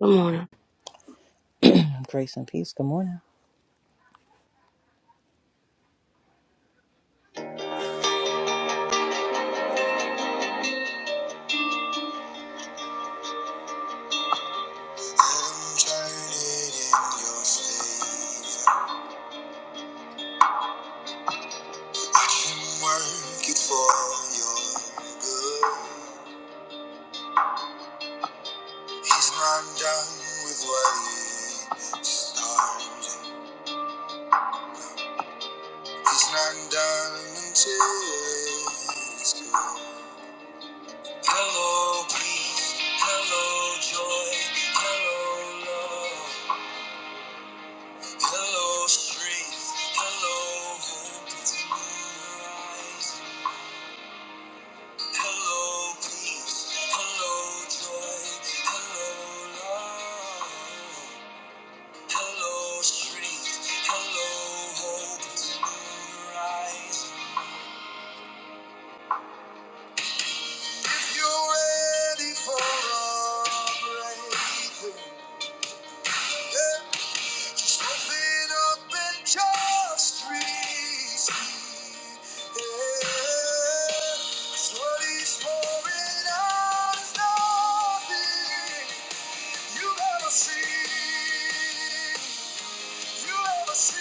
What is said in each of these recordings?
Good morning. Grace and peace. Good morning. Hello, strength. Hello, hope. Hello, peace. Hello, joy. Hello, love. Hello, strength. Hello, hope. It's a new rise. If you're ready for a breakthrough. Something up and just reach me. Yeah. what he's pouring out is nothing you've ever seen. You ever see?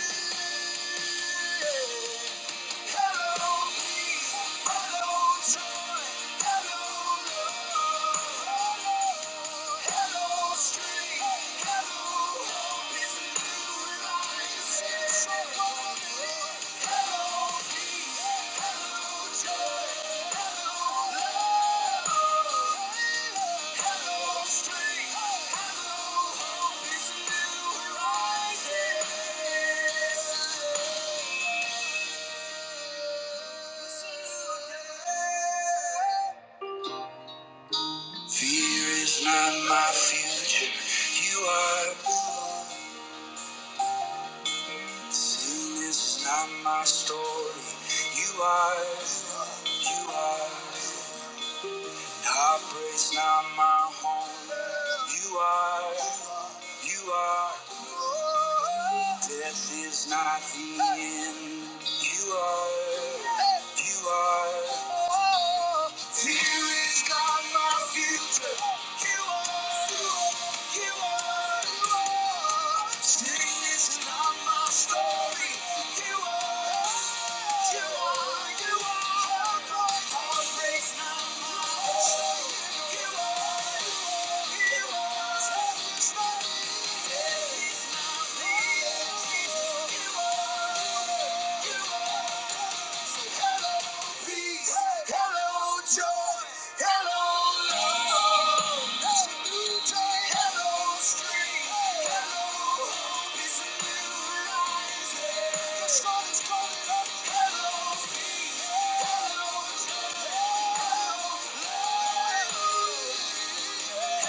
Hello, peace. Hello, joy. Hello, love. Hello, strength. Hello, hope. It's new horizon. Hello, peace. Hello, joy. Fear is not my future. You are. Sin is not my story. You are. You are. Heartbreak's not my home. You are. You are. Death is not the end. You are. You are. Fear is not my future. You are. You are. You are. Sin is not my story. You are. You are. You are. Heartbreak's not my story. You are. You are. Hello, hello, hello, hello. You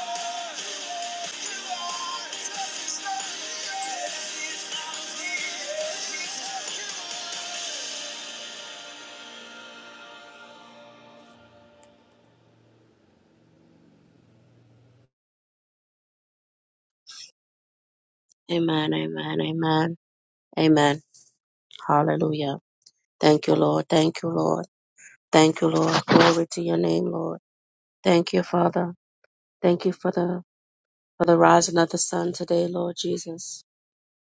are. Amen, amen, amen, amen. Hallelujah. Thank you, Lord. Thank you, Lord. Thank you, Lord. Glory to your name, Lord. Thank you, Father. Thank you for the for the rising of the sun today, Lord Jesus.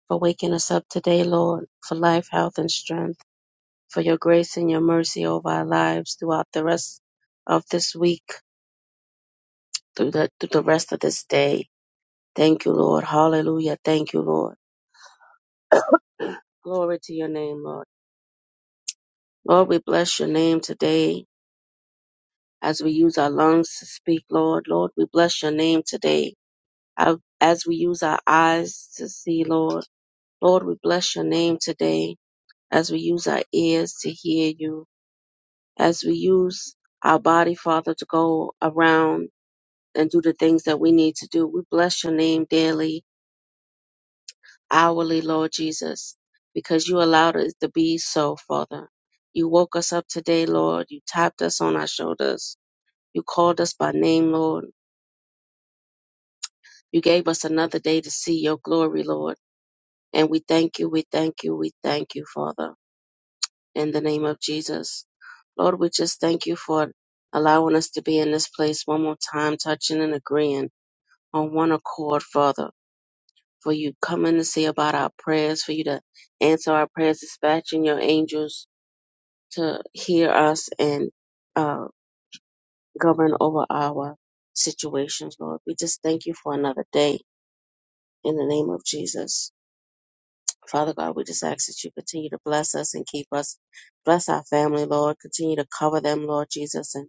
For waking us up today, Lord, for life, health, and strength, for your grace and your mercy over our lives throughout the rest of this week, through the through the rest of this day. Thank you, Lord. Hallelujah. Thank you, Lord. Glory to your name, Lord. Lord, we bless your name today as we use our lungs to speak, Lord. Lord, we bless your name today. I- As we use our eyes to see, Lord. Lord, we bless your name today. As we use our ears to hear you. As we use our body, Father, to go around and do the things that we need to do. We bless your name daily, hourly, Lord Jesus, because you allowed it to be so, Father. You woke us up today, Lord. You tapped us on our shoulders. You called us by name, Lord. You gave us another day to see your glory, Lord. And we thank you, we thank you, we thank you, Father, in the name of Jesus. Lord, we just thank you for allowing us to be in this place one more time, touching and agreeing on one accord, Father. For you coming to see about our prayers, for you to answer our prayers, dispatching your angels to hear us and uh, govern over our situations, Lord. We just thank you for another day in the name of Jesus. Father God, we just ask that you continue to bless us and keep us. Bless our family, Lord. Continue to cover them, Lord Jesus. And,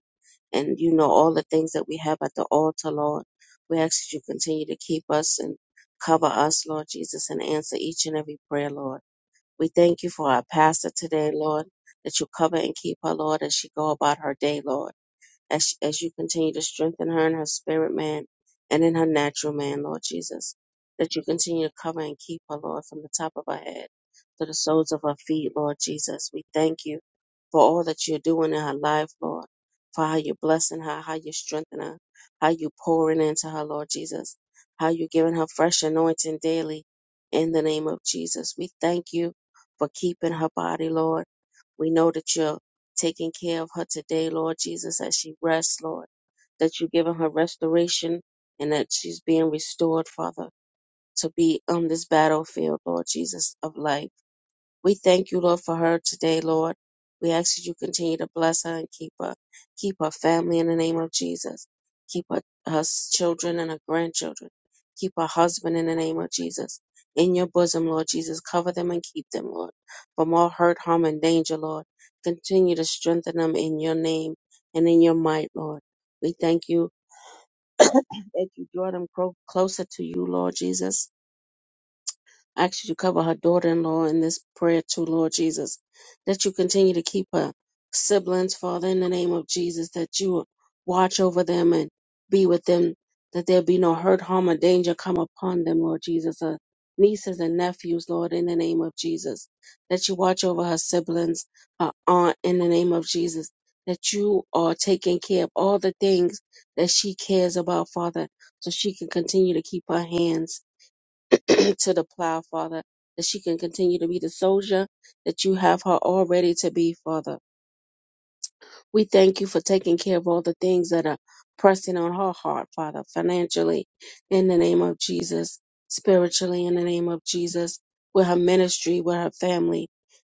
and you know all the things that we have at the altar, Lord. We ask that you continue to keep us and cover us, Lord Jesus, and answer each and every prayer, Lord. We thank you for our pastor today, Lord, that you cover and keep her, Lord, as she go about her day, Lord as, as you continue to strengthen her in her spirit, man, and in her natural man, Lord Jesus. That you continue to cover and keep her, Lord, from the top of her head to the soles of her feet, Lord Jesus. We thank you for all that you're doing in her life, Lord, for how you're blessing her, how you're strengthening her, how you're pouring into her, Lord Jesus, how you're giving her fresh anointing daily in the name of Jesus. We thank you for keeping her body, Lord. We know that you're taking care of her today, Lord Jesus, as she rests, Lord, that you've given her restoration and that she's being restored, Father, to be on this battlefield, Lord Jesus, of life. We thank you, Lord, for her today, Lord. We ask that you continue to bless her and keep her, keep her family in the name of Jesus. Keep her, her children and her grandchildren. Keep her husband in the name of Jesus. In your bosom, Lord Jesus, cover them and keep them, Lord, from all hurt, harm, and danger, Lord. Continue to strengthen them in your name and in your might, Lord. We thank you that you draw them cro- closer to you, Lord Jesus I ask you to cover her daughter in law in this prayer too, Lord Jesus, that you continue to keep her siblings, Father, in the name of Jesus, that you will watch over them and be with them, that there be no hurt, harm, or danger come upon them, Lord Jesus. Her nieces and nephews, Lord, in the name of Jesus, that you watch over her siblings, her aunt, in the name of Jesus, that you are taking care of all the things that she cares about, Father, so she can continue to keep her hands. to the plow, Father, that she can continue to be the soldier that you have her already to be, Father. We thank you for taking care of all the things that are pressing on her heart, Father, financially, in the name of Jesus, spiritually, in the name of Jesus, with her ministry, with her family,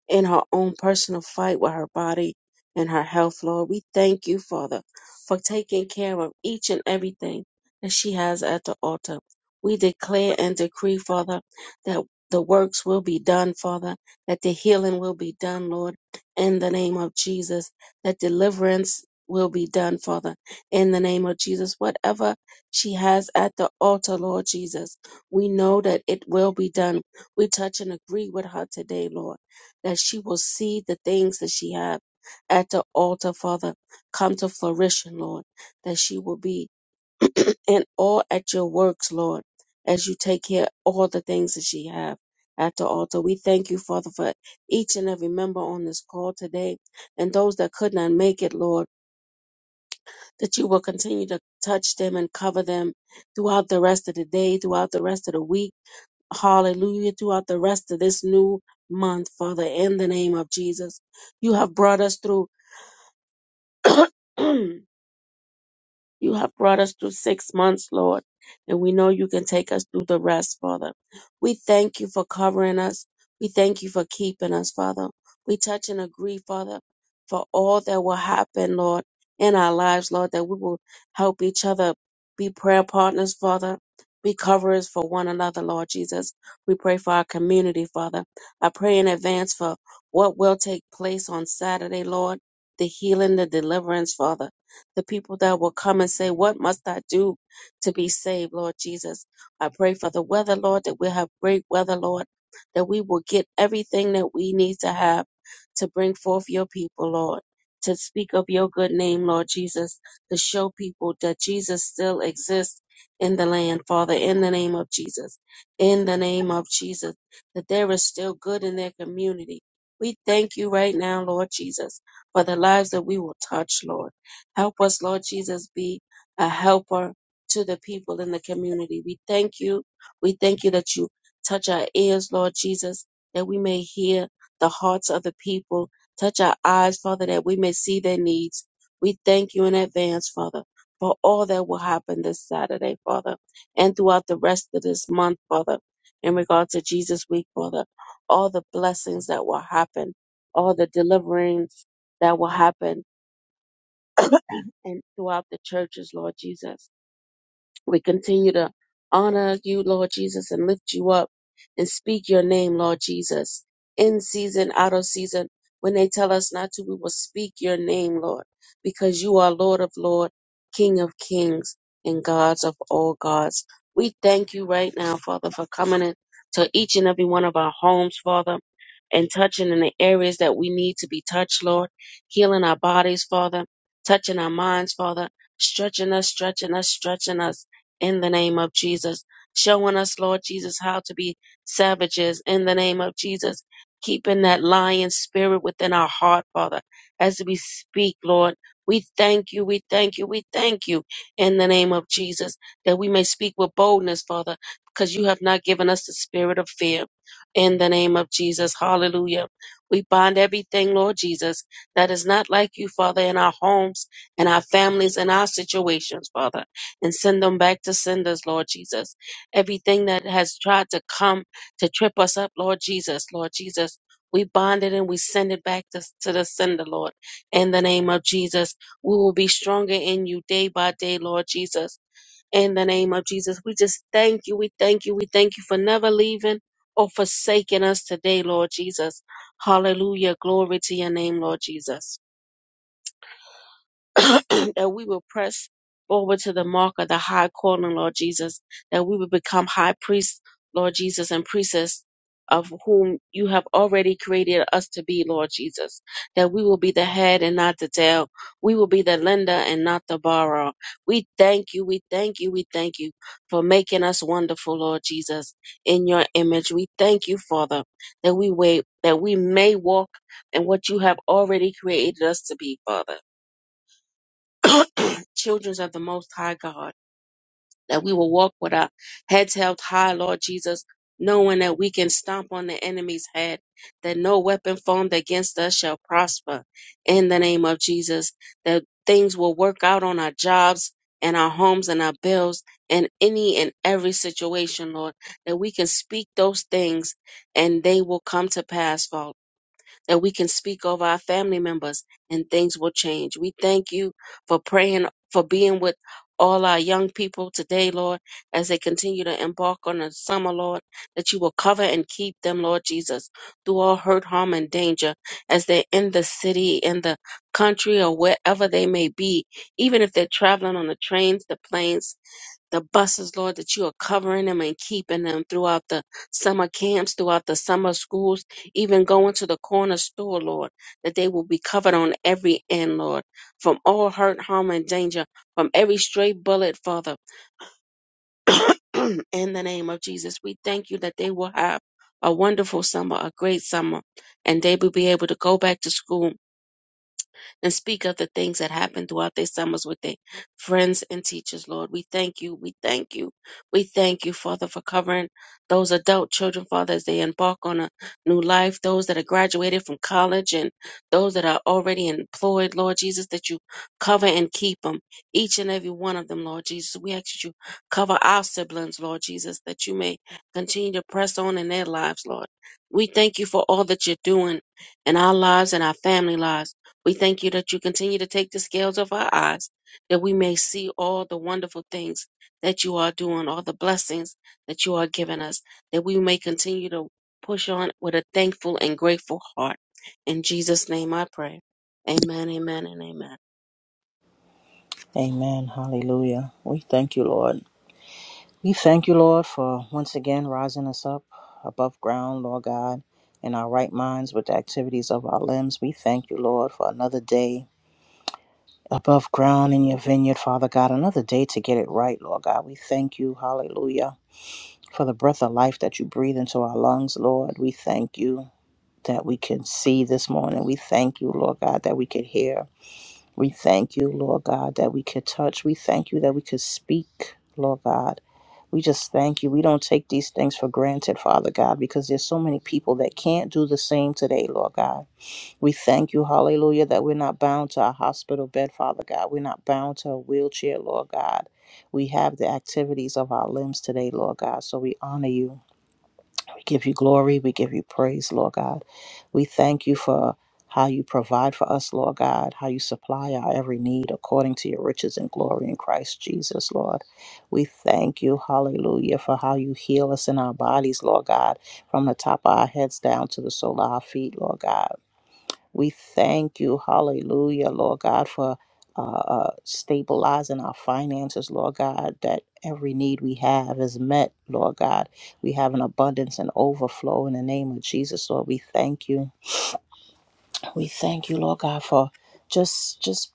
in her own personal fight with her body and her health, Lord. We thank you, Father, for taking care of each and everything that she has at the altar. We declare and decree, Father, that the works will be done, Father, that the healing will be done, Lord, in the name of Jesus that deliverance will be done, Father, in the name of Jesus. Whatever she has at the altar, Lord Jesus, we know that it will be done. We touch and agree with her today, Lord, that she will see the things that she has at the altar, Father, come to fruition, Lord, that she will be and all at your works, Lord, as you take care of all the things that she have at the altar. We thank you, Father, for each and every member on this call today and those that could not make it, Lord, that you will continue to touch them and cover them throughout the rest of the day, throughout the rest of the week. Hallelujah. Throughout the rest of this new month, Father, in the name of Jesus. You have brought us through. You have brought us through six months, Lord, and we know you can take us through the rest, Father. We thank you for covering us. We thank you for keeping us, Father. We touch and agree, Father, for all that will happen, Lord, in our lives, Lord, that we will help each other be prayer partners, Father. Be coverers for one another, Lord Jesus. We pray for our community, Father. I pray in advance for what will take place on Saturday, Lord, the healing, the deliverance, Father the people that will come and say, What must I do to be saved, Lord Jesus? I pray for the weather, Lord, that we'll have great weather, Lord, that we will get everything that we need to have to bring forth your people, Lord, to speak of your good name, Lord Jesus, to show people that Jesus still exists in the land, Father, in the name of Jesus, in the name of Jesus, that there is still good in their community. We thank you right now, Lord Jesus, for the lives that we will touch, Lord. Help us, Lord Jesus, be a helper to the people in the community. We thank you. We thank you that you touch our ears, Lord Jesus, that we may hear the hearts of the people. Touch our eyes, Father, that we may see their needs. We thank you in advance, Father, for all that will happen this Saturday, Father, and throughout the rest of this month, Father, in regard to Jesus Week, Father. All the blessings that will happen, all the deliverings that will happen, and throughout the churches, Lord Jesus. We continue to honor you, Lord Jesus, and lift you up and speak your name, Lord Jesus. In season, out of season, when they tell us not to, we will speak your name, Lord, because you are Lord of Lord, King of Kings, and Gods of all gods. We thank you right now, Father, for coming in to each and every one of our homes, Father, and touching in the areas that we need to be touched, Lord, healing our bodies, Father, touching our minds, Father, stretching us, stretching us, stretching us in the name of Jesus. Showing us, Lord Jesus, how to be savages in the name of Jesus. Keeping that lion spirit within our heart, Father, as we speak, Lord. We thank you, we thank you, we thank you in the name of Jesus that we may speak with boldness, Father, because you have not given us the spirit of fear. In the name of Jesus, hallelujah. We bind everything, Lord Jesus, that is not like you, Father, in our homes, in our families, in our situations, Father and send them back to senders, Lord Jesus. Everything that has tried to come to trip us up, Lord Jesus, Lord Jesus, we bind it and we send it back to, to the sender, Lord. In the name of Jesus, we will be stronger in you day by day, Lord Jesus. In the name of Jesus, we just thank you, we thank you, we thank you for never leaving or forsaking us today, Lord Jesus. Hallelujah. Glory to your name, Lord Jesus. that we will press forward to the mark of the high calling, Lord Jesus, that we will become high priests, Lord Jesus, and priestess of whom you have already created us to be, Lord Jesus, that we will be the head and not the tail. We will be the lender and not the borrower. We thank you, we thank you, we thank you for making us wonderful, Lord Jesus, in your image. We thank you, Father, that we wait, that we may walk in what you have already created us to be, Father. children of the Most High God, that we will walk with our heads held high, Lord Jesus, knowing that we can stomp on the enemy's head, that no weapon formed against us shall prosper. In the name of Jesus, that things will work out on our jobs and our homes and our bills and any and every situation, Lord, that we can speak those things and they will come to pass, Father that we can speak over our family members and things will change. We thank you for praying, for being with all our young people today, Lord, as they continue to embark on the summer, Lord, that you will cover and keep them, Lord Jesus, through all hurt, harm, and danger as they're in the city, in the country, or wherever they may be, even if they're traveling on the trains, the planes, the buses, Lord, that you are covering them and keeping them throughout the summer camps, throughout the summer schools, even going to the corner store, Lord, that they will be covered on every end, Lord, from all hurt, harm, and danger, from every stray bullet, Father. In the name of Jesus, we thank you that they will have a wonderful summer, a great summer, and they will be able to go back to school and speak of the things that happened throughout their summers with their friends and teachers, Lord. We thank you. We thank you. We thank you, Father, for covering those adult children, Father, as they embark on a new life, those that are graduated from college and those that are already employed, Lord Jesus, that you cover and keep them, each and every one of them, Lord Jesus. We ask that you cover our siblings, Lord Jesus, that you may continue to press on in their lives, Lord. We thank you for all that you're doing in our lives and our family lives. We thank you that you continue to take the scales off our eyes, that we may see all the wonderful things that you are doing, all the blessings that you are giving us, that we may continue to push on with a thankful and grateful heart. In Jesus' name I pray. Amen, amen, and amen. Amen. Hallelujah. We thank you, Lord. We thank you, Lord, for once again rising us up above ground, Lord God, in our right minds with the activities of our limbs. We thank you, Lord, for another day above ground in your vineyard, Father God, another day to get it right, Lord God. We thank you, hallelujah, for the breath of life that you breathe into our lungs, Lord. We thank you. that we can see this morning. We thank you, Lord God, that we could hear. We thank you, Lord God, that we could touch. We thank you that we could speak, Lord God. We just thank you. We don't take these things for granted, Father God, because there's so many people that can't do the same today, Lord God. We thank you, hallelujah, that we're not bound to a hospital bed, Father God. We're not bound to a wheelchair, Lord God. We have the activities of our limbs today, Lord God. So we honor you. We give you glory. We give you praise, Lord God. We thank you for how you provide for us, Lord God, how you supply our every need according to your riches and glory in Christ Jesus, Lord. We thank you, hallelujah, for how you heal us in our bodies, Lord God, from the top of our heads down to the sole of our feet, Lord God. We thank you, hallelujah, Lord God, for uh, uh, stabilizing our finances, Lord God, that every need we have is met, Lord God. We have an abundance and overflow in the name of Jesus, Lord. We thank you. We thank you, Lord God, for just just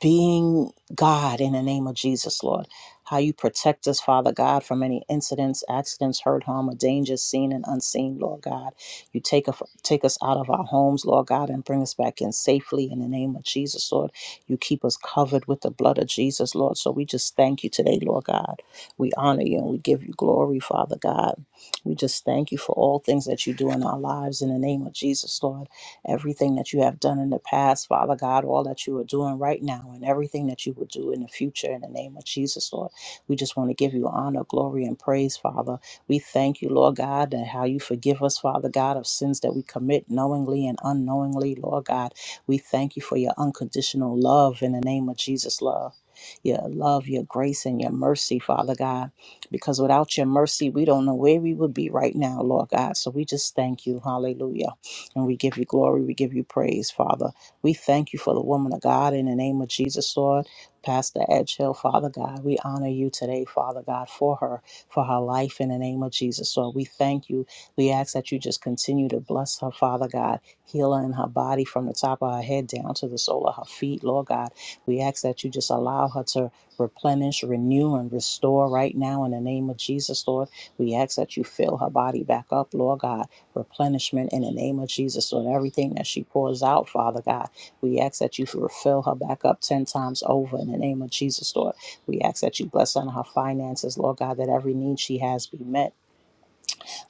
being God in the name of Jesus, Lord. How you protect us, Father God, from any incidents, accidents, hurt, harm, or dangers seen and unseen, Lord God. You take us, take us out of our homes, Lord God, and bring us back in safely in the name of Jesus, Lord. You keep us covered with the blood of Jesus, Lord. So we just thank you today, Lord God. We honor you and we give you glory, Father God. We just thank you for all things that you do in our lives in the name of Jesus, Lord everything that you have done in the past, Father God, all that you are doing right now, and everything that you will do in the future in the name of Jesus, Lord. We just want to give you honor, glory, and praise, Father. We thank you, Lord God, that how you forgive us, Father God, of sins that we commit knowingly and unknowingly, Lord God. We thank you for your unconditional love in the name of Jesus, love. Your love, your grace, and your mercy, Father God. Because without your mercy, we don't know where we would be right now, Lord God. So we just thank you. Hallelujah. And we give you glory. We give you praise, Father. We thank you for the woman of God in the name of Jesus, Lord. Pastor Edgehill, Father God, we honor you today, Father God, for her, for her life in the name of Jesus, Lord. We thank you. We ask that you just continue to bless her, Father God. Heal her in her body from the top of her head down to the sole of her feet, Lord God. We ask that you just allow her to replenish, renew, and restore right now in the name of Jesus, Lord. We ask that you fill her body back up, Lord God replenishment in the name of Jesus. So, in everything that she pours out, Father God, we ask that you refill her back up 10 times over in the name of Jesus, Lord. We ask that you bless her and her finances, Lord God, that every need she has be met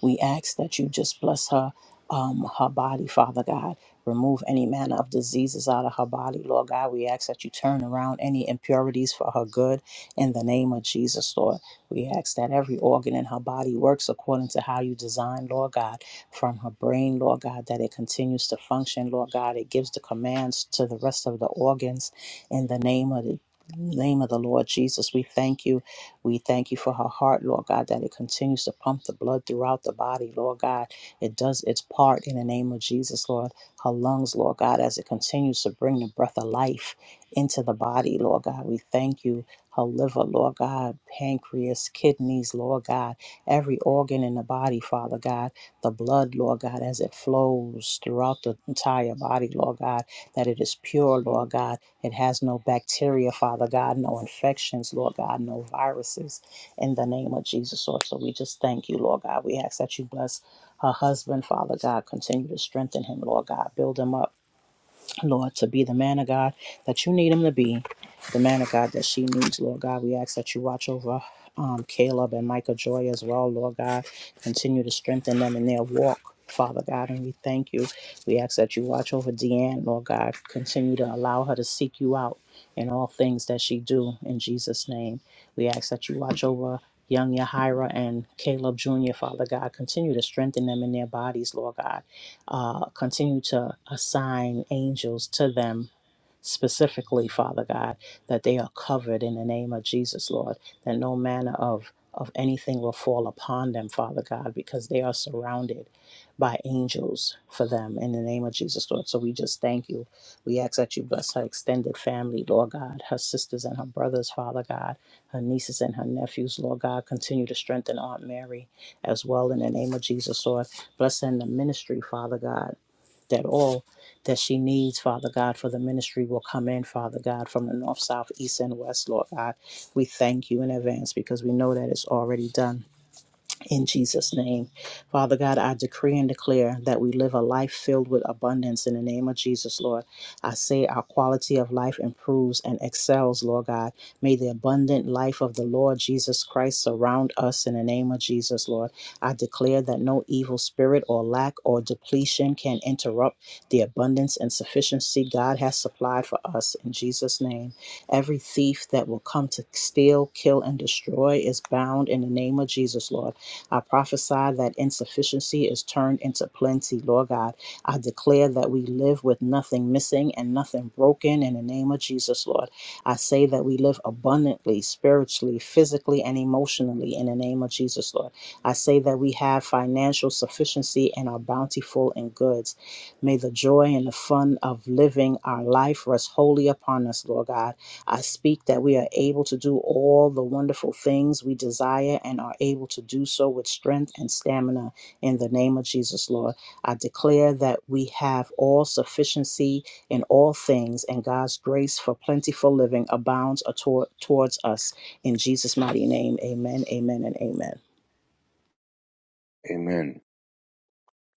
we ask that you just bless her, um, her body, Father God. Remove any manner of diseases out of her body, Lord God. We ask that you turn around any impurities for her good in the name of Jesus, Lord. We ask that every organ in her body works according to how you designed, Lord God, from her brain, Lord God, that it continues to function, Lord God. It gives the commands to the rest of the organs in the name of the name of the Lord Jesus. We thank you we thank you for her heart, Lord God, that it continues to pump the blood throughout the body, Lord God. It does its part in the name of Jesus, Lord. Her lungs, Lord God, as it continues to bring the breath of life into the body, Lord God. We thank you. Her liver, Lord God, pancreas, kidneys, Lord God, every organ in the body, Father God, the blood, Lord God, as it flows throughout the entire body, Lord God, that it is pure, Lord God it has no bacteria, Father God, no infections, Lord God, no viruses in the name of Jesus, Lord. So we just thank you, Lord God. We ask that you bless her husband, Father God. Continue to strengthen him, Lord God. Build him up. Lord, to be the man of God that you need him to be, the man of God that she needs, Lord God. We ask that you watch over um, Caleb and Micah Joy as well, Lord God. Continue to strengthen them in their walk. Father God, and we thank you. We ask that you watch over Deanne, Lord God. Continue to allow her to seek you out in all things that she do. In Jesus' name, we ask that you watch over young Yahira and Caleb Jr., Father God. Continue to strengthen them in their bodies, Lord God uh, continue to assign angels to them specifically, Father God, that they are covered in the name of Jesus, Lord, that no manner of of anything will fall upon them, Father God, because they are surrounded by angels for them in the name of Jesus, Lord. So we just thank you. We ask that you bless her extended family, Lord God, her sisters and her brothers, Father God, her nieces and her nephews, Lord God. Continue to strengthen Aunt Mary as well in the name of Jesus, Lord. Bless her in the ministry, Father God that all that she needs, Father God, for the ministry will come in, Father God, from the north, south, east, and west, Lord God. We thank you in advance because we know that it's already done in Jesus' name. Father God, I decree and declare that we live a life filled with abundance in the name of Jesus, Lord. I say our quality of life improves and excels, Lord God. May the abundant life of the Lord Jesus Christ surround us in the name of Jesus, Lord. I declare that no evil spirit or lack or depletion can interrupt the abundance and sufficiency God has supplied for us in Jesus' name. Every thief that will come to steal, kill, and destroy is bound in the name of Jesus, Lord. I prophesy that insufficiency is turned into plenty, Lord God. I declare that we live with nothing missing and nothing broken in the name of Jesus, Lord. I say that we live abundantly, spiritually, physically, and emotionally in the name of Jesus, Lord. I say that we have financial sufficiency and are bountiful in goods. May the joy and the fun of living our life rest wholly upon us, Lord God. I speak that we are able to do all the wonderful things we desire and are able to do so with strength and stamina in the name of Jesus, Lord. I declare that we have all sufficiency in all things and God's grace for plentiful living abounds ator- towards us. In Jesus' mighty name, amen, amen, and amen. Amen.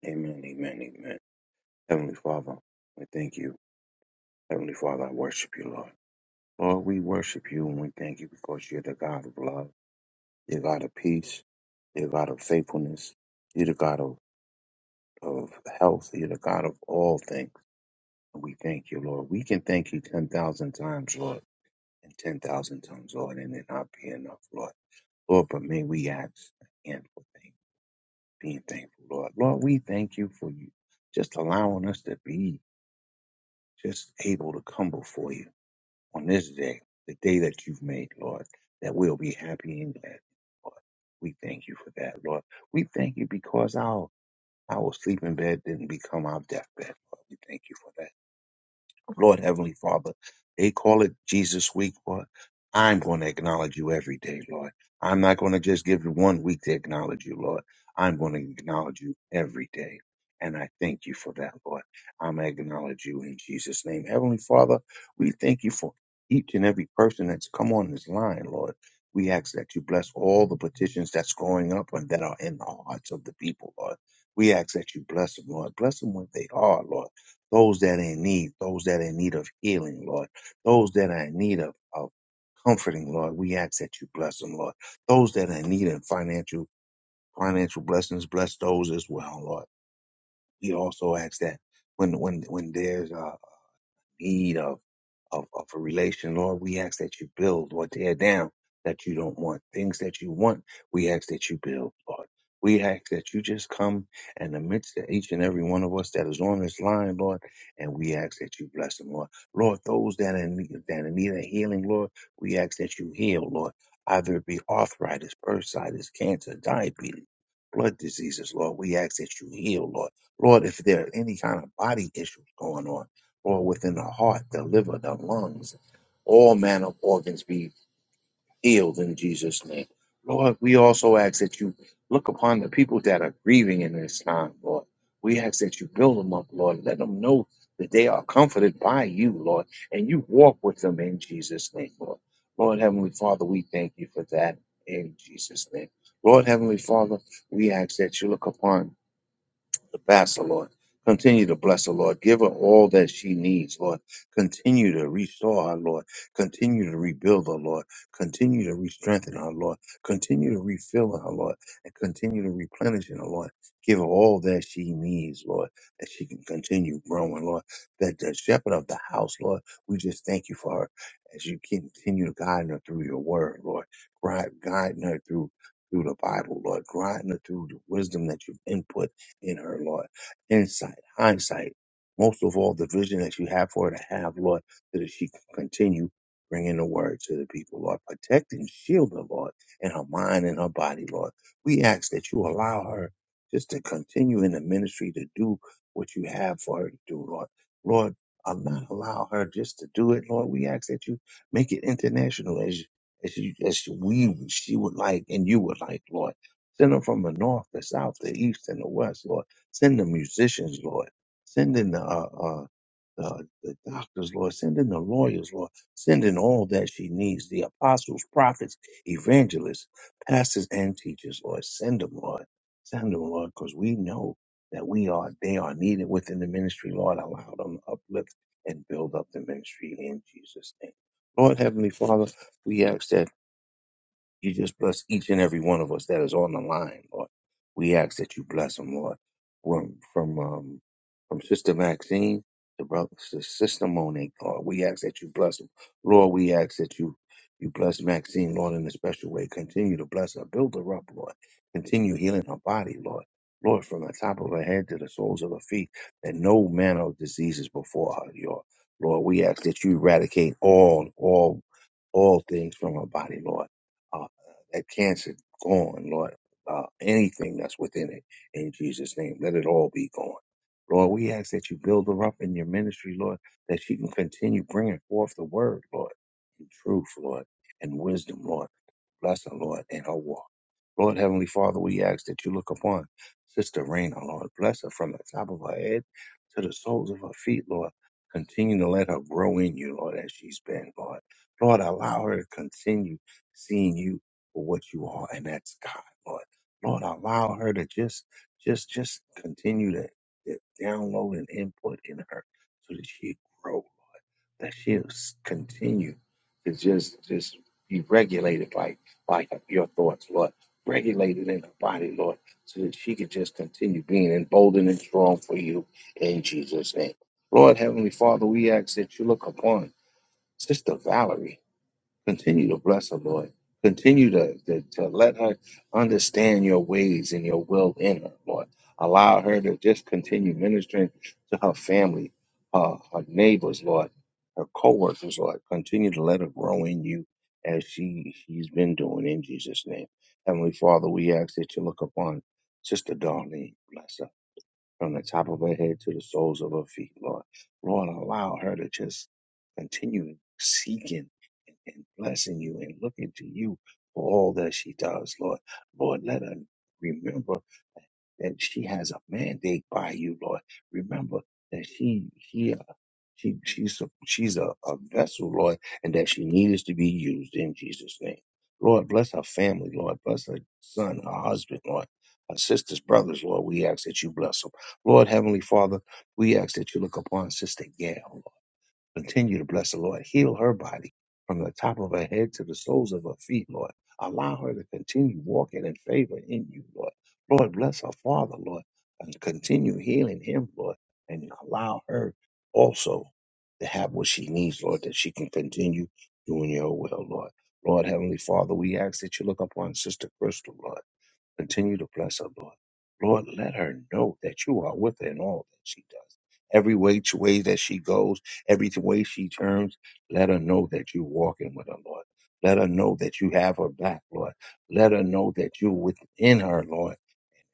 Amen. Amen. Amen. Heavenly Father, we thank you. Heavenly Father, I worship you, Lord. Lord, we worship you and we thank you because you're the God of love. You're God of peace. You're God of faithfulness. You're the God of, of health. You're the God of all things. And we thank you, Lord. We can thank you 10,000 times, Lord, and 10,000 times, Lord, and it not be enough, Lord. Lord, but may we ask again for thank, being thankful, Lord. Lord, we thank you for you just allowing us to be. just able to come before you on this day, the day that you've made, Lord, that we'll be happy and glad, Lord. We thank you for that, Lord. We thank you because our our sleeping bed didn't become our deathbed, Lord. We thank you for that. Lord Heavenly Father, they call it Jesus Week, Lord. I'm going to acknowledge you every day, Lord. I'm not going to just give you one week to acknowledge you, Lord. I'm going to acknowledge you every day. And I thank you for that, Lord. I'm going to acknowledge you in Jesus' name. Heavenly Father, we thank you for each and every person that's come on this line, Lord. We ask that you bless all the petitions that's going up and that are in the hearts of the people, Lord. We ask that you bless them, Lord. Bless them where they are, Lord those that are in need, those that are in need of healing, Lord, those that are in need of, of comforting, Lord. We ask that you bless them, Lord. Those that are in need of financial financial blessings, bless those as well, Lord. We also ask that when when when there's a need of of, of a relation. Lord, we ask that you build or tear down that you don't want. Things that you want, we ask that you build, Lord. We ask that you just come and amidst to each and every one of us that is on this line, Lord, and we ask that you bless them, Lord. Lord, those that are in need, that are in need of healing, Lord, we ask that you heal, Lord. Either it be arthritis, bursitis, cancer, diabetes, blood diseases, Lord, we ask that you heal, Lord. Lord, if there are any kind of body issues going on, or within the heart, the liver, the lungs, all manner of organs be healed in Jesus' name. Lord, we also ask that you look upon the people that are grieving in this time, Lord. We ask that you build them up, Lord. Let them know that they are comforted by you, Lord, and you walk with them in Jesus' name, Lord. Lord Heavenly Father, we thank you for that in Jesus' name. Lord Heavenly Father, we ask that you look upon to pass, oh Lord. Continue to bless her, Lord. Give her all that she needs, Lord. Continue to restore her, Lord. Continue to rebuild her, Lord. Continue to re-strengthen her, Lord. Continue to refill her, Lord. And continue to replenish her, Lord. Give her all that she needs, Lord, that she can continue growing, Lord. That the shepherd of the house, Lord, we just thank you for her as you continue to guide her through your word, Lord. Guide, guiding her through through the Bible, Lord, guiding her through the wisdom that you've input in her, Lord. Insight, hindsight, most of all, the vision that you have for her to have, Lord, so that she can continue bringing the word to the people, Lord. Protect and shield her, Lord, in her mind and her body, Lord. We ask that you allow her just to continue in the ministry to do what you have for her to do, Lord. Lord, I'll not allow her just to do it, Lord. We ask that you make it international as as you, as we she would like and you would like, Lord. Send them from the north, the south, the east, and the west, Lord. Send the musicians, Lord. Send in the, uh, uh, the, the doctors, Lord. Send in the lawyers, Lord. Send in all that she needs the apostles, prophets, evangelists, pastors, and teachers, Lord. Send them, Lord. Send them, Lord, because we know that we are, they are needed within the ministry, Lord. Allow them to uplift and build up the ministry in Jesus' name. Lord, Heavenly Father, we ask that. You just bless each and every one of us that is on the line, Lord. We ask that you bless them, Lord. From from um from Sister Maxine to brother to Sister Monique, Lord. We ask that you bless them, Lord. We ask that you you bless Maxine, Lord, in a special way. Continue to bless her, build her up, Lord. Continue healing her body, Lord. Lord, from the top of her head to the soles of her feet, that no manner of disease is before her, Lord. Lord, we ask that you eradicate all, all, all things from her body, Lord Uh, that cancer gone, Lord. Uh, anything that's within it, in Jesus' name, let it all be gone. Lord, we ask that you build her up in your ministry, Lord, that she can continue bringing forth the word, Lord, in truth, Lord, and wisdom, Lord. Bless her, Lord, in her walk. Lord, Heavenly Father, we ask that you look upon Sister Raina, Lord. Bless her from the top of her head to the soles of her feet, Lord. Continue to let her grow in you, Lord, as she's been, Lord. Lord, allow her to continue seeing you for what you are, and that's God, Lord. Lord, allow her to just, just, just continue to, to download and input in her so that she grow, that she'll s- continue to just, just be regulated like, like your thoughts, Lord. Regulated in her body, Lord, so that she could just continue being emboldened and strong for you in Jesus' name. Lord, Heavenly Father, we ask that you look upon Sister Valerie. Continue to bless her, Lord. Continue to, to, to let her understand your ways and your will in her, Lord. Allow her to just continue ministering to her family, uh, her neighbors, Lord, her co-workers, Lord. Continue to let her grow in you as she, she's been doing in Jesus' name. Heavenly Father, we ask that you look upon Sister Darlene, bless her, from the top of her head to the soles of her feet, Lord. Lord, allow her to just continue seeking and blessing you and looking to you for all that she does, Lord. Lord, let her remember that she has a mandate by you, Lord. Remember that she she she she's a, she's a, a vessel, Lord, and that she needs to be used in Jesus' name. Lord, bless her family, Lord. Bless her son, her husband, Lord. Her sisters, brothers, Lord, we ask that you bless them. Lord, Heavenly Father, we ask that you look upon Sister Gail. Continue to bless the Lord. Heal her body from the top of her head to the soles of her feet, Lord. Allow her to continue walking in favor in you, Lord. Lord, bless her father, Lord, and continue healing him, Lord, and allow her also to have what she needs, Lord, that she can continue doing your will, Lord. Lord, Heavenly Father, we ask that you look upon Sister Crystal, Lord. Continue to bless her, Lord. Lord, let her know that you are with her in all that she does. Every way, way that she goes, every way she turns, let her know that you're walking with her, Lord. Let her know that you have her back, Lord. Let her know that you're within her, Lord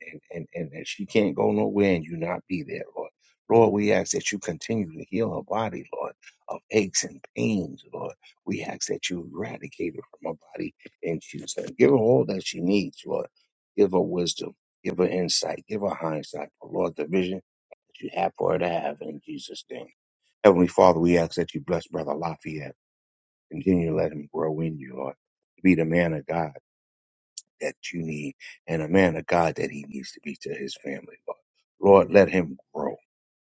and, and, and that she can't go nowhere and you not be there, Lord. Lord, we ask that you continue to heal her body, Lord, of aches and pains, Lord. We ask that you eradicate it from her body and Jesus' name. Give her all that she needs, Lord. Give her wisdom, give her insight, give her hindsight, but Lord, the vision that you have for her to have in Jesus' name. Heavenly Father, we ask that you bless Brother Lafayette. Continue to let him grow in you, Lord. Be the man of God that you need and a man of God that he needs to be to his family, Lord. Lord, let him grow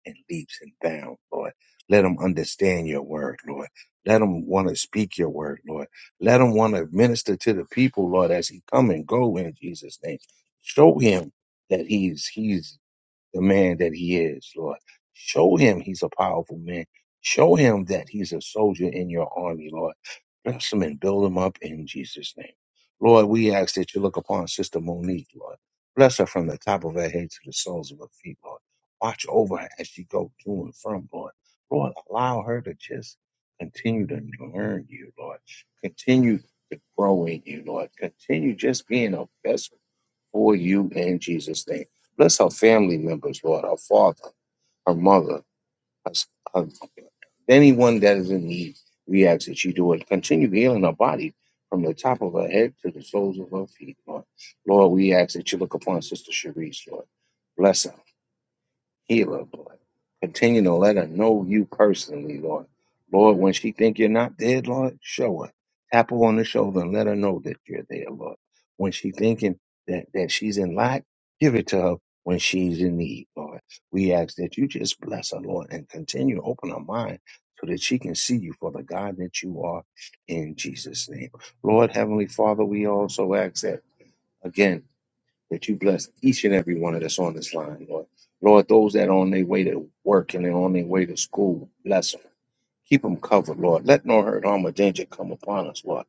in leaps and bounds, Lord. Let him understand your word, Lord. Let him want to speak your word, Lord. Let him want to minister to the people, Lord, as he come and go in Jesus' name. Show him that he's he's the man that he is, Lord. Show him he's a powerful man. Show him that he's a soldier in your army, Lord. Bless him and build him up in Jesus' name. Lord, we ask that you look upon Sister Monique, Lord. Bless her from the top of her head to the soles of her feet, Lord. Watch over her as she goes to and from, Lord. Lord, allow her to just continue to learn you, Lord. Continue to grow in you, Lord. Continue just being a vessel for you in Jesus' name. Bless our family members, Lord, our father, our mother, us- her- anyone that is in need. We ask that you do it. Continue healing our body from the top of her head to the soles of her feet, Lord. Lord, we ask that you look upon Sister Sharice, Lord. Bless her. Heal her, Lord. Continue to let her know you personally, Lord. Lord, when she think you're not there, Lord, show her. Tap her on the shoulder and let her know that you're there, Lord. When she thinking that, that she's in lack, give it to her when she's in need, Lord. We ask that you just bless her, Lord, and continue to open her mind so that she can see you for the God that you are in Jesus' name. Lord, Heavenly Father, we also ask that again that you bless each and every one of us on this line, Lord. Lord, those that are on their way to work and they're on their way to school, bless 'em. Keep them covered, Lord. Let no hurt, harm, or danger come upon us, Lord,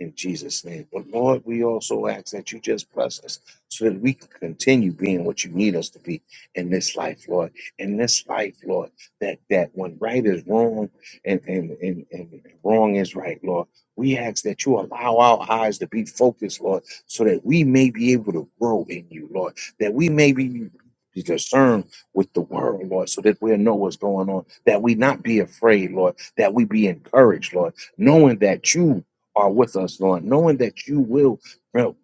in Jesus' name. But Lord, we also ask that you just bless us so that we can continue being what you need us to be in this life, Lord. In this life, Lord, that that when right is wrong and and and, and wrong is right, Lord. We ask that you allow our eyes to be focused, Lord, so that we may be able to grow in you, Lord. That we may be discerned with the world, Lord, so that we'll know what's going on, that we not be afraid, Lord that we be encouraged, Lord, knowing that you are with us, Lord, knowing that you will build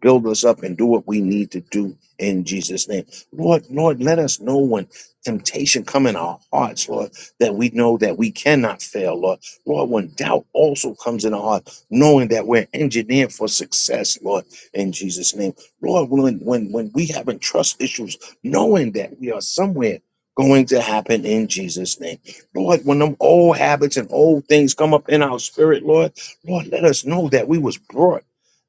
build us up and do what we need to do in Jesus' name. Lord, Lord, let us know when temptation come in our hearts, Lord, that we know that we cannot fail, Lord. Lord, when doubt also comes in our heart, knowing that we're engineered for success, Lord, in Jesus' name. Lord, when when when we having trust issues, knowing that we are somewhere going to happen in Jesus' name. Lord, when them old habits and old things come up in our spirit, Lord, Lord, let us know that we was brought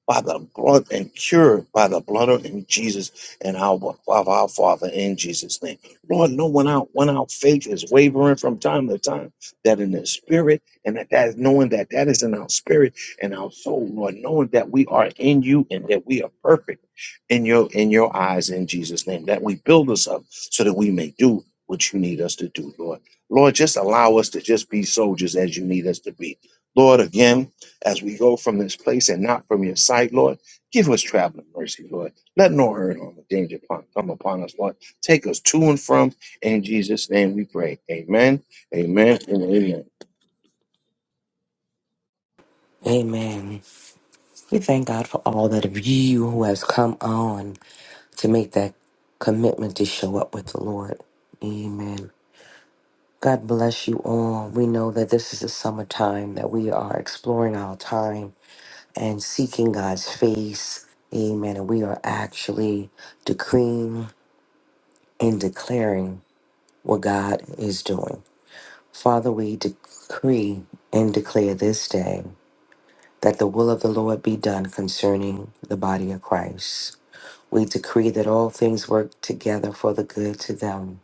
by the blood and cured by the blood of in Jesus and our of our Father in Jesus' name. Lord, know when our when our faith is wavering from time to time, that in the spirit and that, that is knowing that that is in our spirit and our soul, Lord, knowing that we are in you and that we are perfect in your in your eyes in Jesus' name. That we build us up so that we may do what you need us to do, Lord. Lord, just allow us to just be soldiers as you need us to be. Lord, again, as we go from this place and not from your sight, Lord. Give us traveling mercy, Lord. Let no hurt harm, or no danger upon, come upon us, Lord. Take us to and from. In Jesus' name we pray. Amen, amen, and amen. Amen. We thank God for all that of you who has come on to make that commitment to show up with the Lord. Amen. God bless you all. We know that this is the summertime that we are exploring our time and seeking God's face. Amen. And we are actually decreeing and declaring what God is doing. Father, we decree and declare this day that the will of the Lord be done concerning the body of Christ. We decree that all things work together for the good to them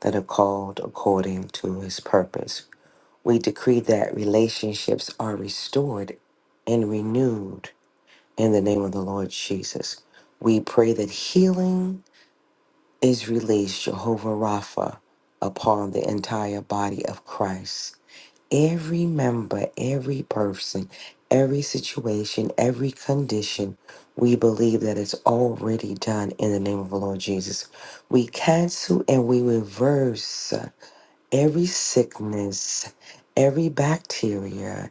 that are called according to his purpose. We decree that relationships are restored and renewed in the name of the Lord Jesus. We pray that healing is released, Jehovah Rapha, upon the entire body of Christ. Every member, every person, every situation, every condition, we believe that it's already done in the name of the Lord Jesus. We cancel and we reverse every sickness, every bacteria,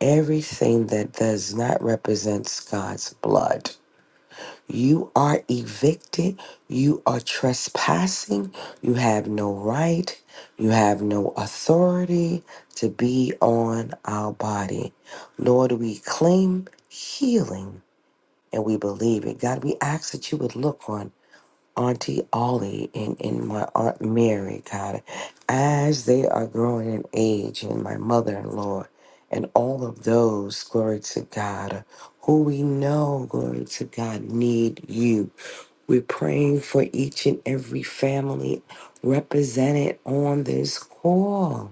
everything that does not represent God's blood. You are evicted. You are trespassing. You have no right. You have no authority to be on our body. Lord, we claim healing and we believe it. God, we ask that you would look on Auntie Ollie and, and my Aunt Mary, God, as they are growing in age, and my mother in law, and all of those, glory to God, who we know, glory to God, need you. We're praying for each and every family represented on this call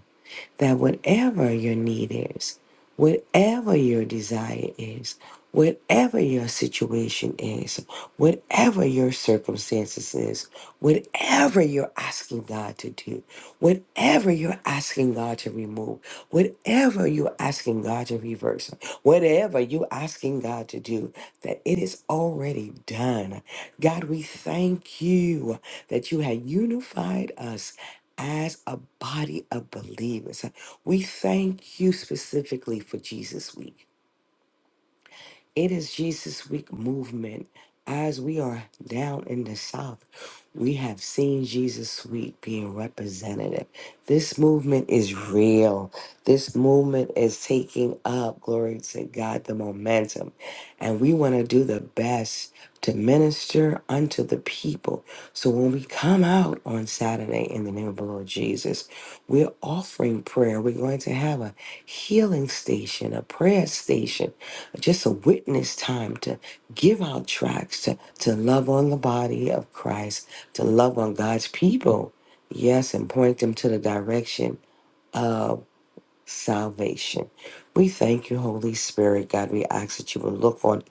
that whatever your need is, whatever your desire is, whatever your situation is, whatever your circumstances is, whatever you're asking God to do, whatever you're asking God to remove, whatever you're asking God to reverse, whatever you're asking God to do, that it is already done. God, we thank you that you have unified us as a body of believers. We thank you specifically for Jesus Week. It is Jesus Week movement. As we are down in the South, we have seen Jesus Week being representative. This movement is real. This movement is taking up, glory to God, the momentum. And we want to do the best to minister unto the people. So when we come out on Saturday in the name of the Lord Jesus, we're offering prayer. We're going to have a healing station, a prayer station, just a witness time to give out tracts, to, to love on the body of Christ, to love on God's people. Yes, and point them to the direction salvation. We thank you, Holy Spirit, God. We ask that you will look on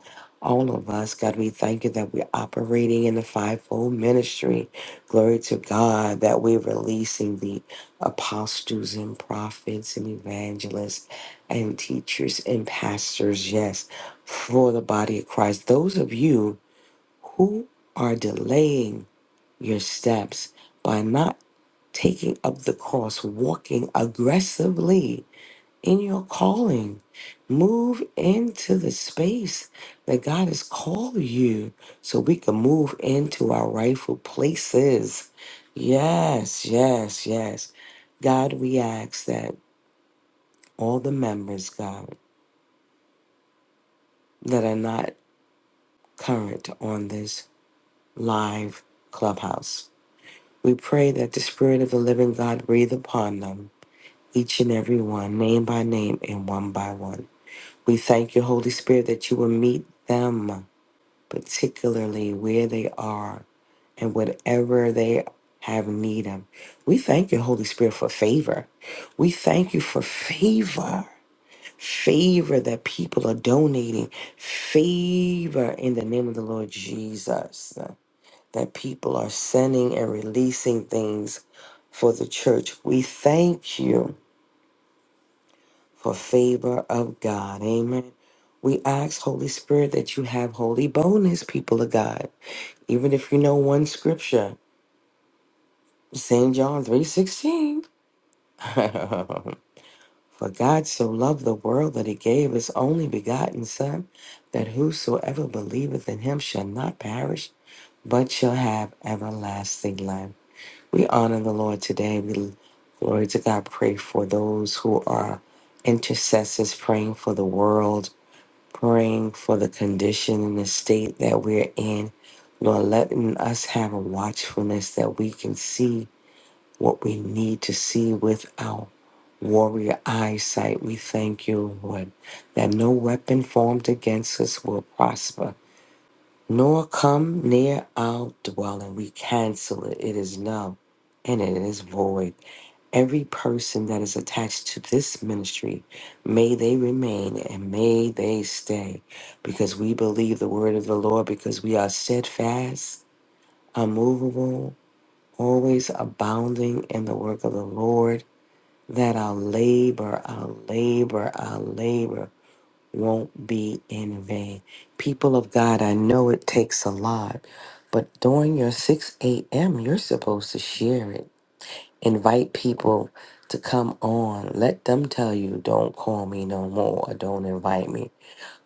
all of us, God. We thank you that we're operating in the fivefold ministry. Glory to God that we're releasing the apostles and prophets and evangelists and teachers and pastors, yes, for the body of Christ. Those of you who are delaying your steps by not taking up the cross, walking aggressively in your calling. Move into the space that God has called you so we can move into our rightful places. Yes, yes, yes. God, we ask that all the members, God, that are not current on this live clubhouse, we pray that the Spirit of the living God breathe upon them, each and every one, name by name and one by one. We thank you, Holy Spirit, that you will meet them particularly where they are and whatever they have need of. We thank you, Holy Spirit, for favor. We thank you for favor. Favor that people are donating. Favor in the name of the Lord Jesus. That people are sending and releasing things for the church. We thank you for favor of God. Amen. We ask, Holy Spirit, that you have holy bonus, people of God. Even if you know one scripture, St. John 3.16. For God so loved the world that he gave his only begotten Son, that whosoever believeth in him shall not perish, but shall have everlasting life. We honor the Lord today. We glory to God. Pray for those who are intercessors, praying for the world, praying for the condition and the state that we're in. Lord, letting us have a watchfulness that we can see what we need to see with our warrior eyesight. We thank you, Lord, that no weapon formed against us will prosper, nor come near our dwelling. We cancel it. It is null and it is void. Every person that is attached to this ministry, may they remain and may they stay because we believe the word of the Lord, because we are steadfast, unmovable, always abounding in the work of the Lord that our labor, our labor, our labor won't be in vain. People of God, I know it takes a lot, but during your 6 a.m., you're supposed to share it. Invite people to come on. Let them tell you, don't call me no more, or don't invite me.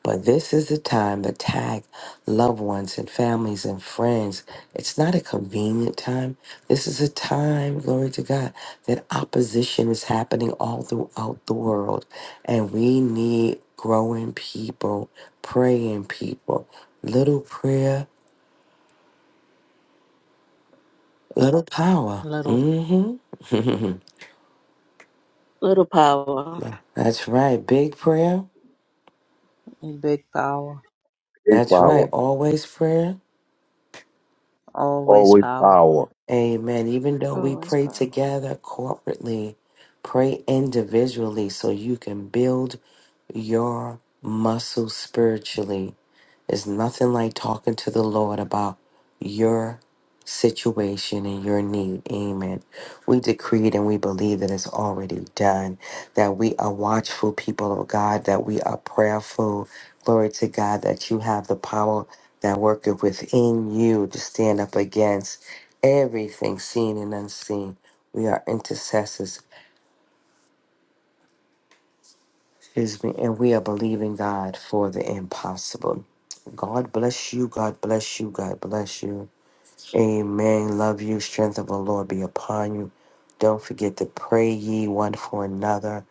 But this is the time to tag loved ones and families and friends. It's not a convenient time. This is a time, glory to God, that opposition is happening all throughout the world. And we need growing people, praying people. Little prayer, little power. Little Mm hmm. Little power, That's right. Big prayer. big power, Big That's power. right. Always prayer. always Always power. power. Amen. Even though we always pray power. together corporately, pray individually so you can build your muscles spiritually. It's nothing like talking to the Lord about your situation and your need. Amen. We decreed and we believe that it's already done, that we are watchful people of God, that we are prayerful. Glory to God that you have the power that worketh within you to stand up against everything seen and unseen. We are intercessors. Excuse me, and we are believing God for the impossible. God bless you. God bless you. God bless you. Amen. Love you. Strength of the Lord be upon you. Don't forget to pray ye one for another.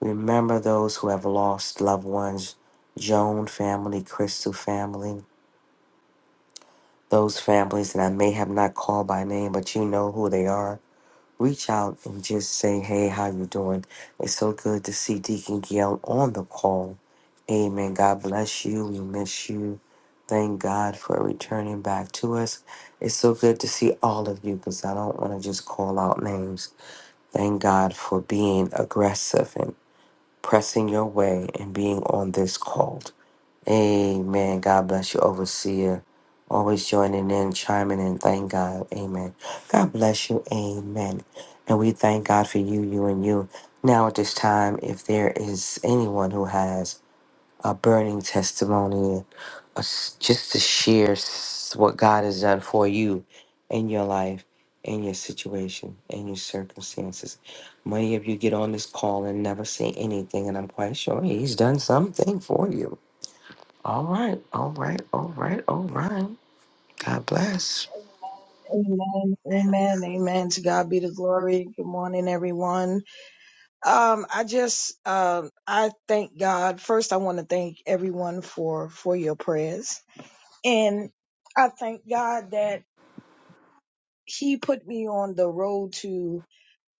Remember those who have lost loved ones, Joan family, Crystal family, those families that I may have not called by name, but you know who they are. Reach out and just say, "Hey, how you doing?" It's so good to see Deacon Gail on the call Amen. God bless you. We miss you. Thank God for returning back to us. It's so good to see all of you because I don't want to just call out names. Thank God for being aggressive and pressing your way and being on this call. Amen. God bless you, overseer. Always joining in, chiming in. Thank God. Amen. God bless you. Amen. And we thank God for you, you, and you. Now at this time, if there is anyone who has a burning testimony, and a s just to share s- what God has done for you in your life, in your situation, in your circumstances. Many of you get on this call and never say anything, and I'm quite sure He's done something for you. All right, all right, all right, all right. God bless. Amen. Amen. Amen. To God be the glory. Good morning, everyone. Um, I just, um, I thank God. First, I want to thank everyone for, for your prayers. And I thank God that he put me on the road to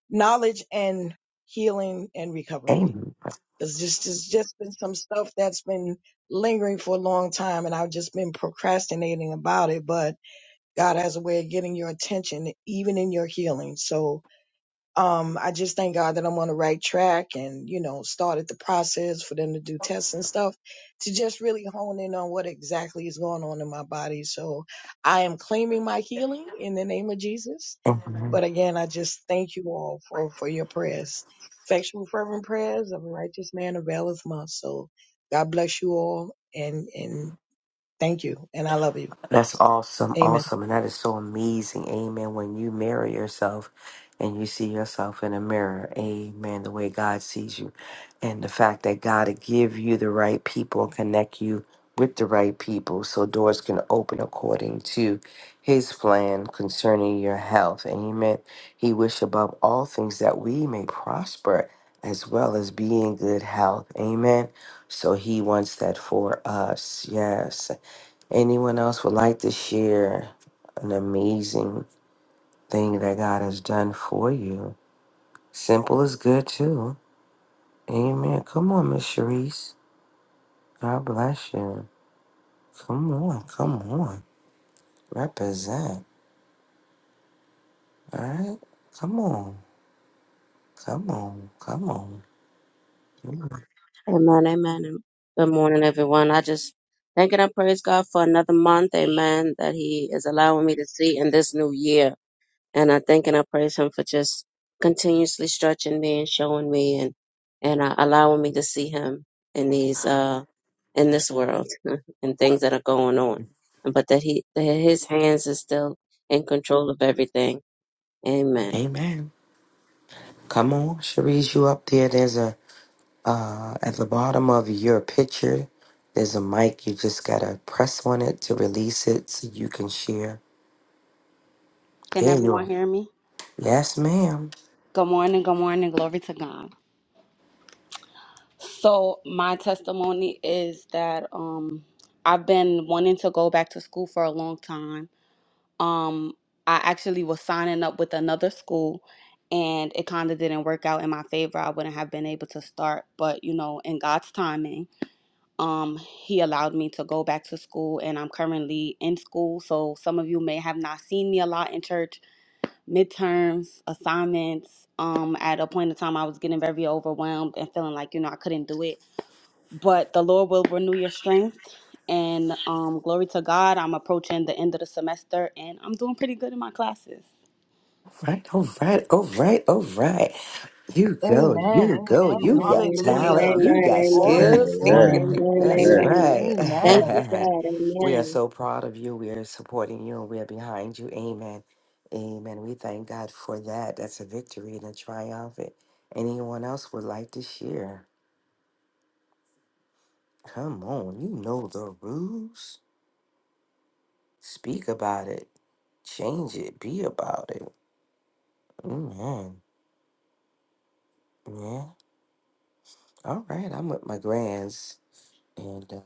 knowledge and healing and recovery. Amen. Cause just, there's just been some stuff that's been lingering for a long time and I've just been procrastinating about it, but God has a way of getting your attention even in your healing. So, um, I just thank God that I'm on the right track and, you know, started the process for them to do tests and stuff to just really hone in on what exactly is going on in my body. So I am claiming my healing in the name of Jesus. But again, I just thank you all for, for your prayers. Effectual fervent prayers of a righteous man availeth much. So God bless you all and, and thank you. And I love you. That's awesome, Amen. awesome, and that is so amazing. Amen. When you marry yourself and you see yourself in a mirror, amen, the way God sees you, and the fact that God will give you the right people, connect you with the right people so doors can open according to his plan concerning your health. Amen. He wish above all things that we may prosper as well as be in good health. Amen. So he wants that for us. Yes. Anyone else would like to share an amazing thing that God has done for you? Simple is good too. Amen. Come on, Miss Sharice. God bless you. Come on, come on. Represent. All right. Come on. Come on. Come on. Amen, amen. and Good morning, everyone. I just thank and I praise God for another month, amen, that He is allowing me to see in this new year. and I thank and I praise him for just continuously stretching me and showing me and and uh, allowing me to see him in these uh in this world and things that are going on, but that he that his hands is still in control of everything Amen. Amen. Come on, Sharice. You up there? There's a uh at the bottom of your picture. There's a mic. You just gotta press on it to release it so you can share. Can There you are. everyone hear me? Yes, ma'am. Good morning, good morning, glory to God. So my testimony is that um I've been wanting to go back to school for a long time. Um I actually was signing up with another school and it kind of didn't work out in my favor. I wouldn't have been able to start, but you know, in God's timing, um he allowed me to go back to school and I'm currently in school. So some of you may have not seen me a lot in church midterms, assignments. Um, at a point in time, I was getting very overwhelmed and feeling like, you know, I couldn't do it. But the Lord will renew your strength. And um, glory to God, I'm approaching the end of the semester and I'm doing pretty good in my classes. Right, all right, all right, all right. You go, Amen. you go. Amen. Amen. You got Amen. talent. Hallelujah. You Amen. got Amen. Amen, Awesome. skills. Thank amen, you, Awesome. Amen. thank Amen. you. That's amen, Amen. Amen. right. Thank Amen. you, God. we are Amen. so proud of you. We are supporting you. and We are behind you. Amen. Amen. We thank God for that. That's a victory and a triumph. If Anyone else would like to share? Come on, you know the rules. Speak about it. Change it. Be about it. Amen. Yeah. All right, I'm with my grands, and um,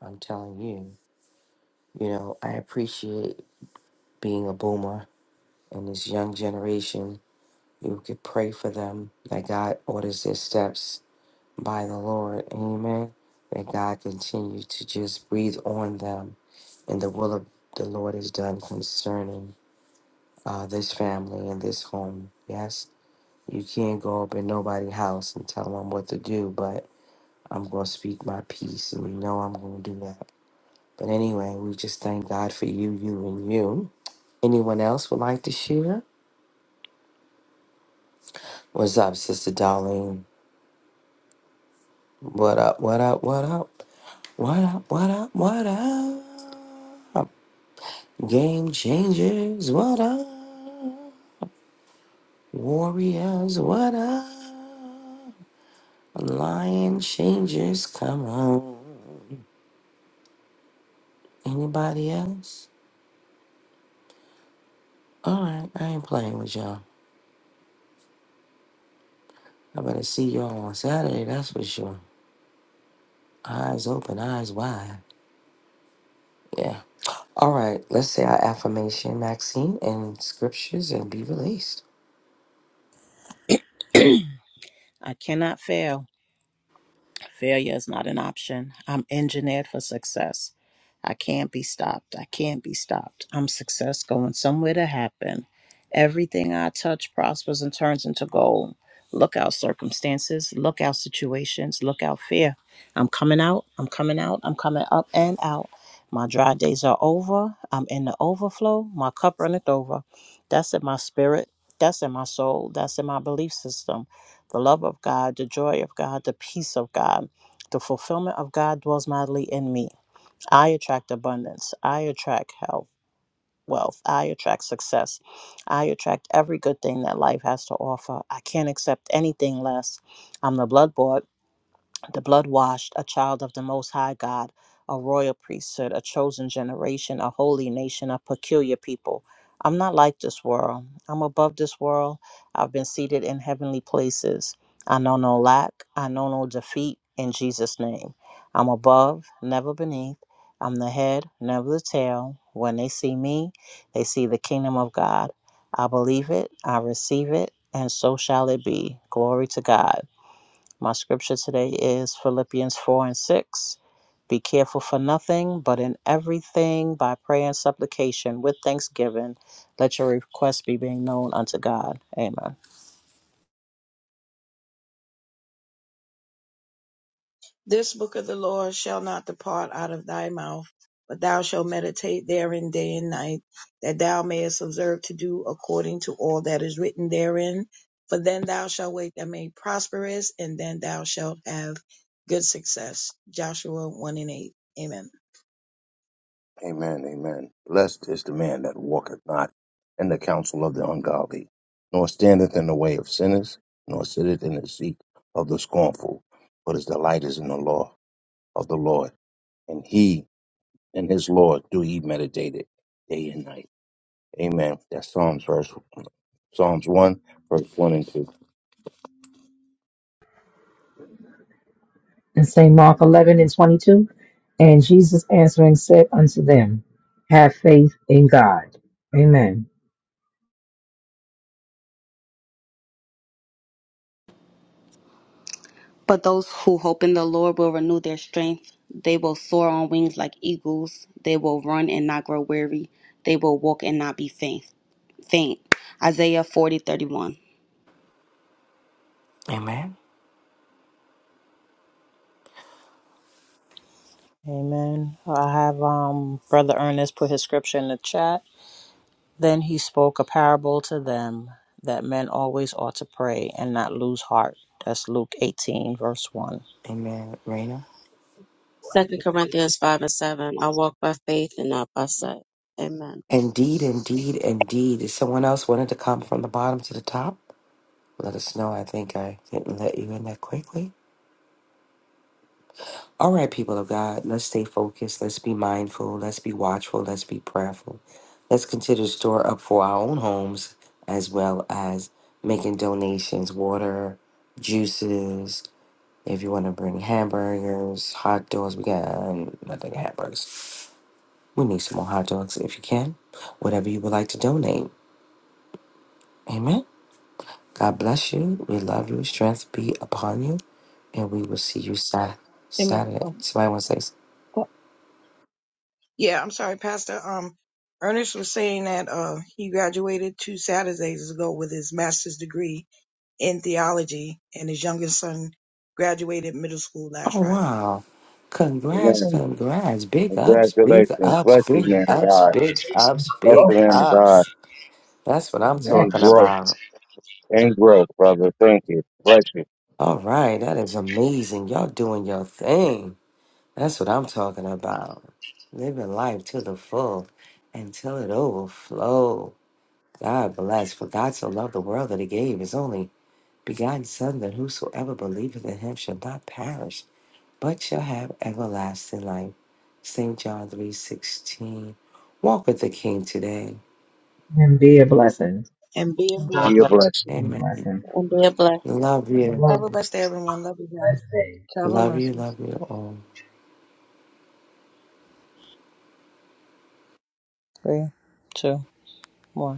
I'm telling you, you know, I appreciate being a boomer and this young generation. You could pray for them that God orders their steps by the Lord. Amen. That God continue to just breathe on them, and the will of the Lord is done concerning uh, this family and this home. Yes, you can't go up in nobody's house and tell them what to do, but I'm going to speak my peace, and you know I'm going to do that. But anyway, we just thank God for you, you, and you. Anyone else would like to share? What's up, Sister Darlene? What up, what up, what up? What up, what up, what up? Game changers, what up? Warriors, what up? Lion changers, come on. Anybody else? All right, I ain't playing with y'all. I better see y'all on Saturday, that's for sure. Eyes open, eyes wide. Yeah. All right. Let's say our affirmation, Maxine, and scriptures and be released. I cannot fail. Failure is not an option. I'm engineered for success. I can't be stopped. I can't be stopped. I'm success going somewhere to happen. Everything I touch prospers and turns into gold. Look out circumstances, look out situations, look out fear. I'm coming out, I'm coming out, I'm coming up and out. My dry days are over. I'm in the overflow. My cup runneth over. That's in my spirit. That's in my soul. That's in my belief system. The love of God, the joy of God, the peace of God, the fulfillment of God dwells mightily in me. I attract abundance. I attract health, wealth. I attract success. I attract every good thing that life has to offer. I can't accept anything less. I'm the blood bought the blood washed, a child of the Most High God, a royal priesthood, a chosen generation, a holy nation, a peculiar people. I'm not like this world. I'm above this world. I've been seated in heavenly places. I know no lack. I know no defeat in Jesus' name. I'm above, never beneath. I'm the head, never the tail. When they see me, they see the kingdom of God. I believe it, I receive it, and so shall it be. Glory to God. My scripture today is Philippians 4 and 6. Be careful for nothing, but in everything by prayer and supplication with thanksgiving, let your requests be being known unto God. Amen. This book of the law shall not depart out of thy mouth, but thou shalt meditate therein day and night, that thou mayest observe to do according to all that is written therein. For then thou shalt make thy made prosperous, and then thou shalt have good success. Joshua 1 and 8. Amen. amen, amen. Blessed is the man that walketh not in the counsel of the ungodly, nor standeth in the way of sinners, nor sitteth in the seat of the scornful, but his delight is in the law of the Lord, and he and his Lord do ye meditate it day and night. Amen. That's Psalms verse Psalms one, verse one and two. and St. Mark 11 and 22. And Jesus answering said unto them, Have faith in God. Amen. But those who hope in the Lord will renew their strength. They will soar on wings like eagles. They will run and not grow weary. They will walk and not be faint. Faint. Isaiah 40:31. Amen. Amen. I have um Brother Ernest put his scripture in the chat. Then he spoke a parable to them that men always ought to pray and not lose heart. That's Luke 18, verse 1. Amen. Raina. Second Corinthians five and seven. I walk by faith and not by sight. Amen. Indeed, indeed, indeed. If someone else wanted to come from the bottom to the top, let us know. I think I didn't let you in that quickly. All right, people of God, let's stay focused. Let's be mindful. Let's be watchful. Let's be prayerful. Let's consider store up for our own homes as well as making donations, water, juices, If you want to bring hamburgers, hot dogs, we got uh, nothing hamburgers. We need some more hot dogs if you can. Whatever you would like to donate. Amen. God bless you. We love you. Strength be upon you. And we will see you Sat- Amen. Saturday. Um, Somebody want to say, s- pa- yeah, I'm sorry, Pastor. Um, Ernest was saying that uh, he graduated two Saturdays ago with his master's degree in theology, and his youngest son graduated middle school last oh, Friday. wow. Congrats, Amen. congrats. Big ups, big Congratulations. ups, Bless you, big man of ups, God. big ups, Bless big the man of God. ups. That's what I'm Amen. And talking grow. about. And grow, brother. Thank you. Bless you. All right. That is amazing. Y'all doing your thing. That's what I'm talking about. Living life to the full until it overflow. God bless, for God so loved the world that he gave his only begotten Son, that whosoever believeth in him shall not perish, but shall have everlasting life. St. John three sixteen. Walk with the King today. And be a blessing. And be a And Be Be a blessed. blessing. blessing. Be a Amen. blessing. And be a blessing. Love you. Love Have a you. blessed day, everyone. Love you guys. Blessed day. Travel Love you. mercies. Love you all. Three, two, one.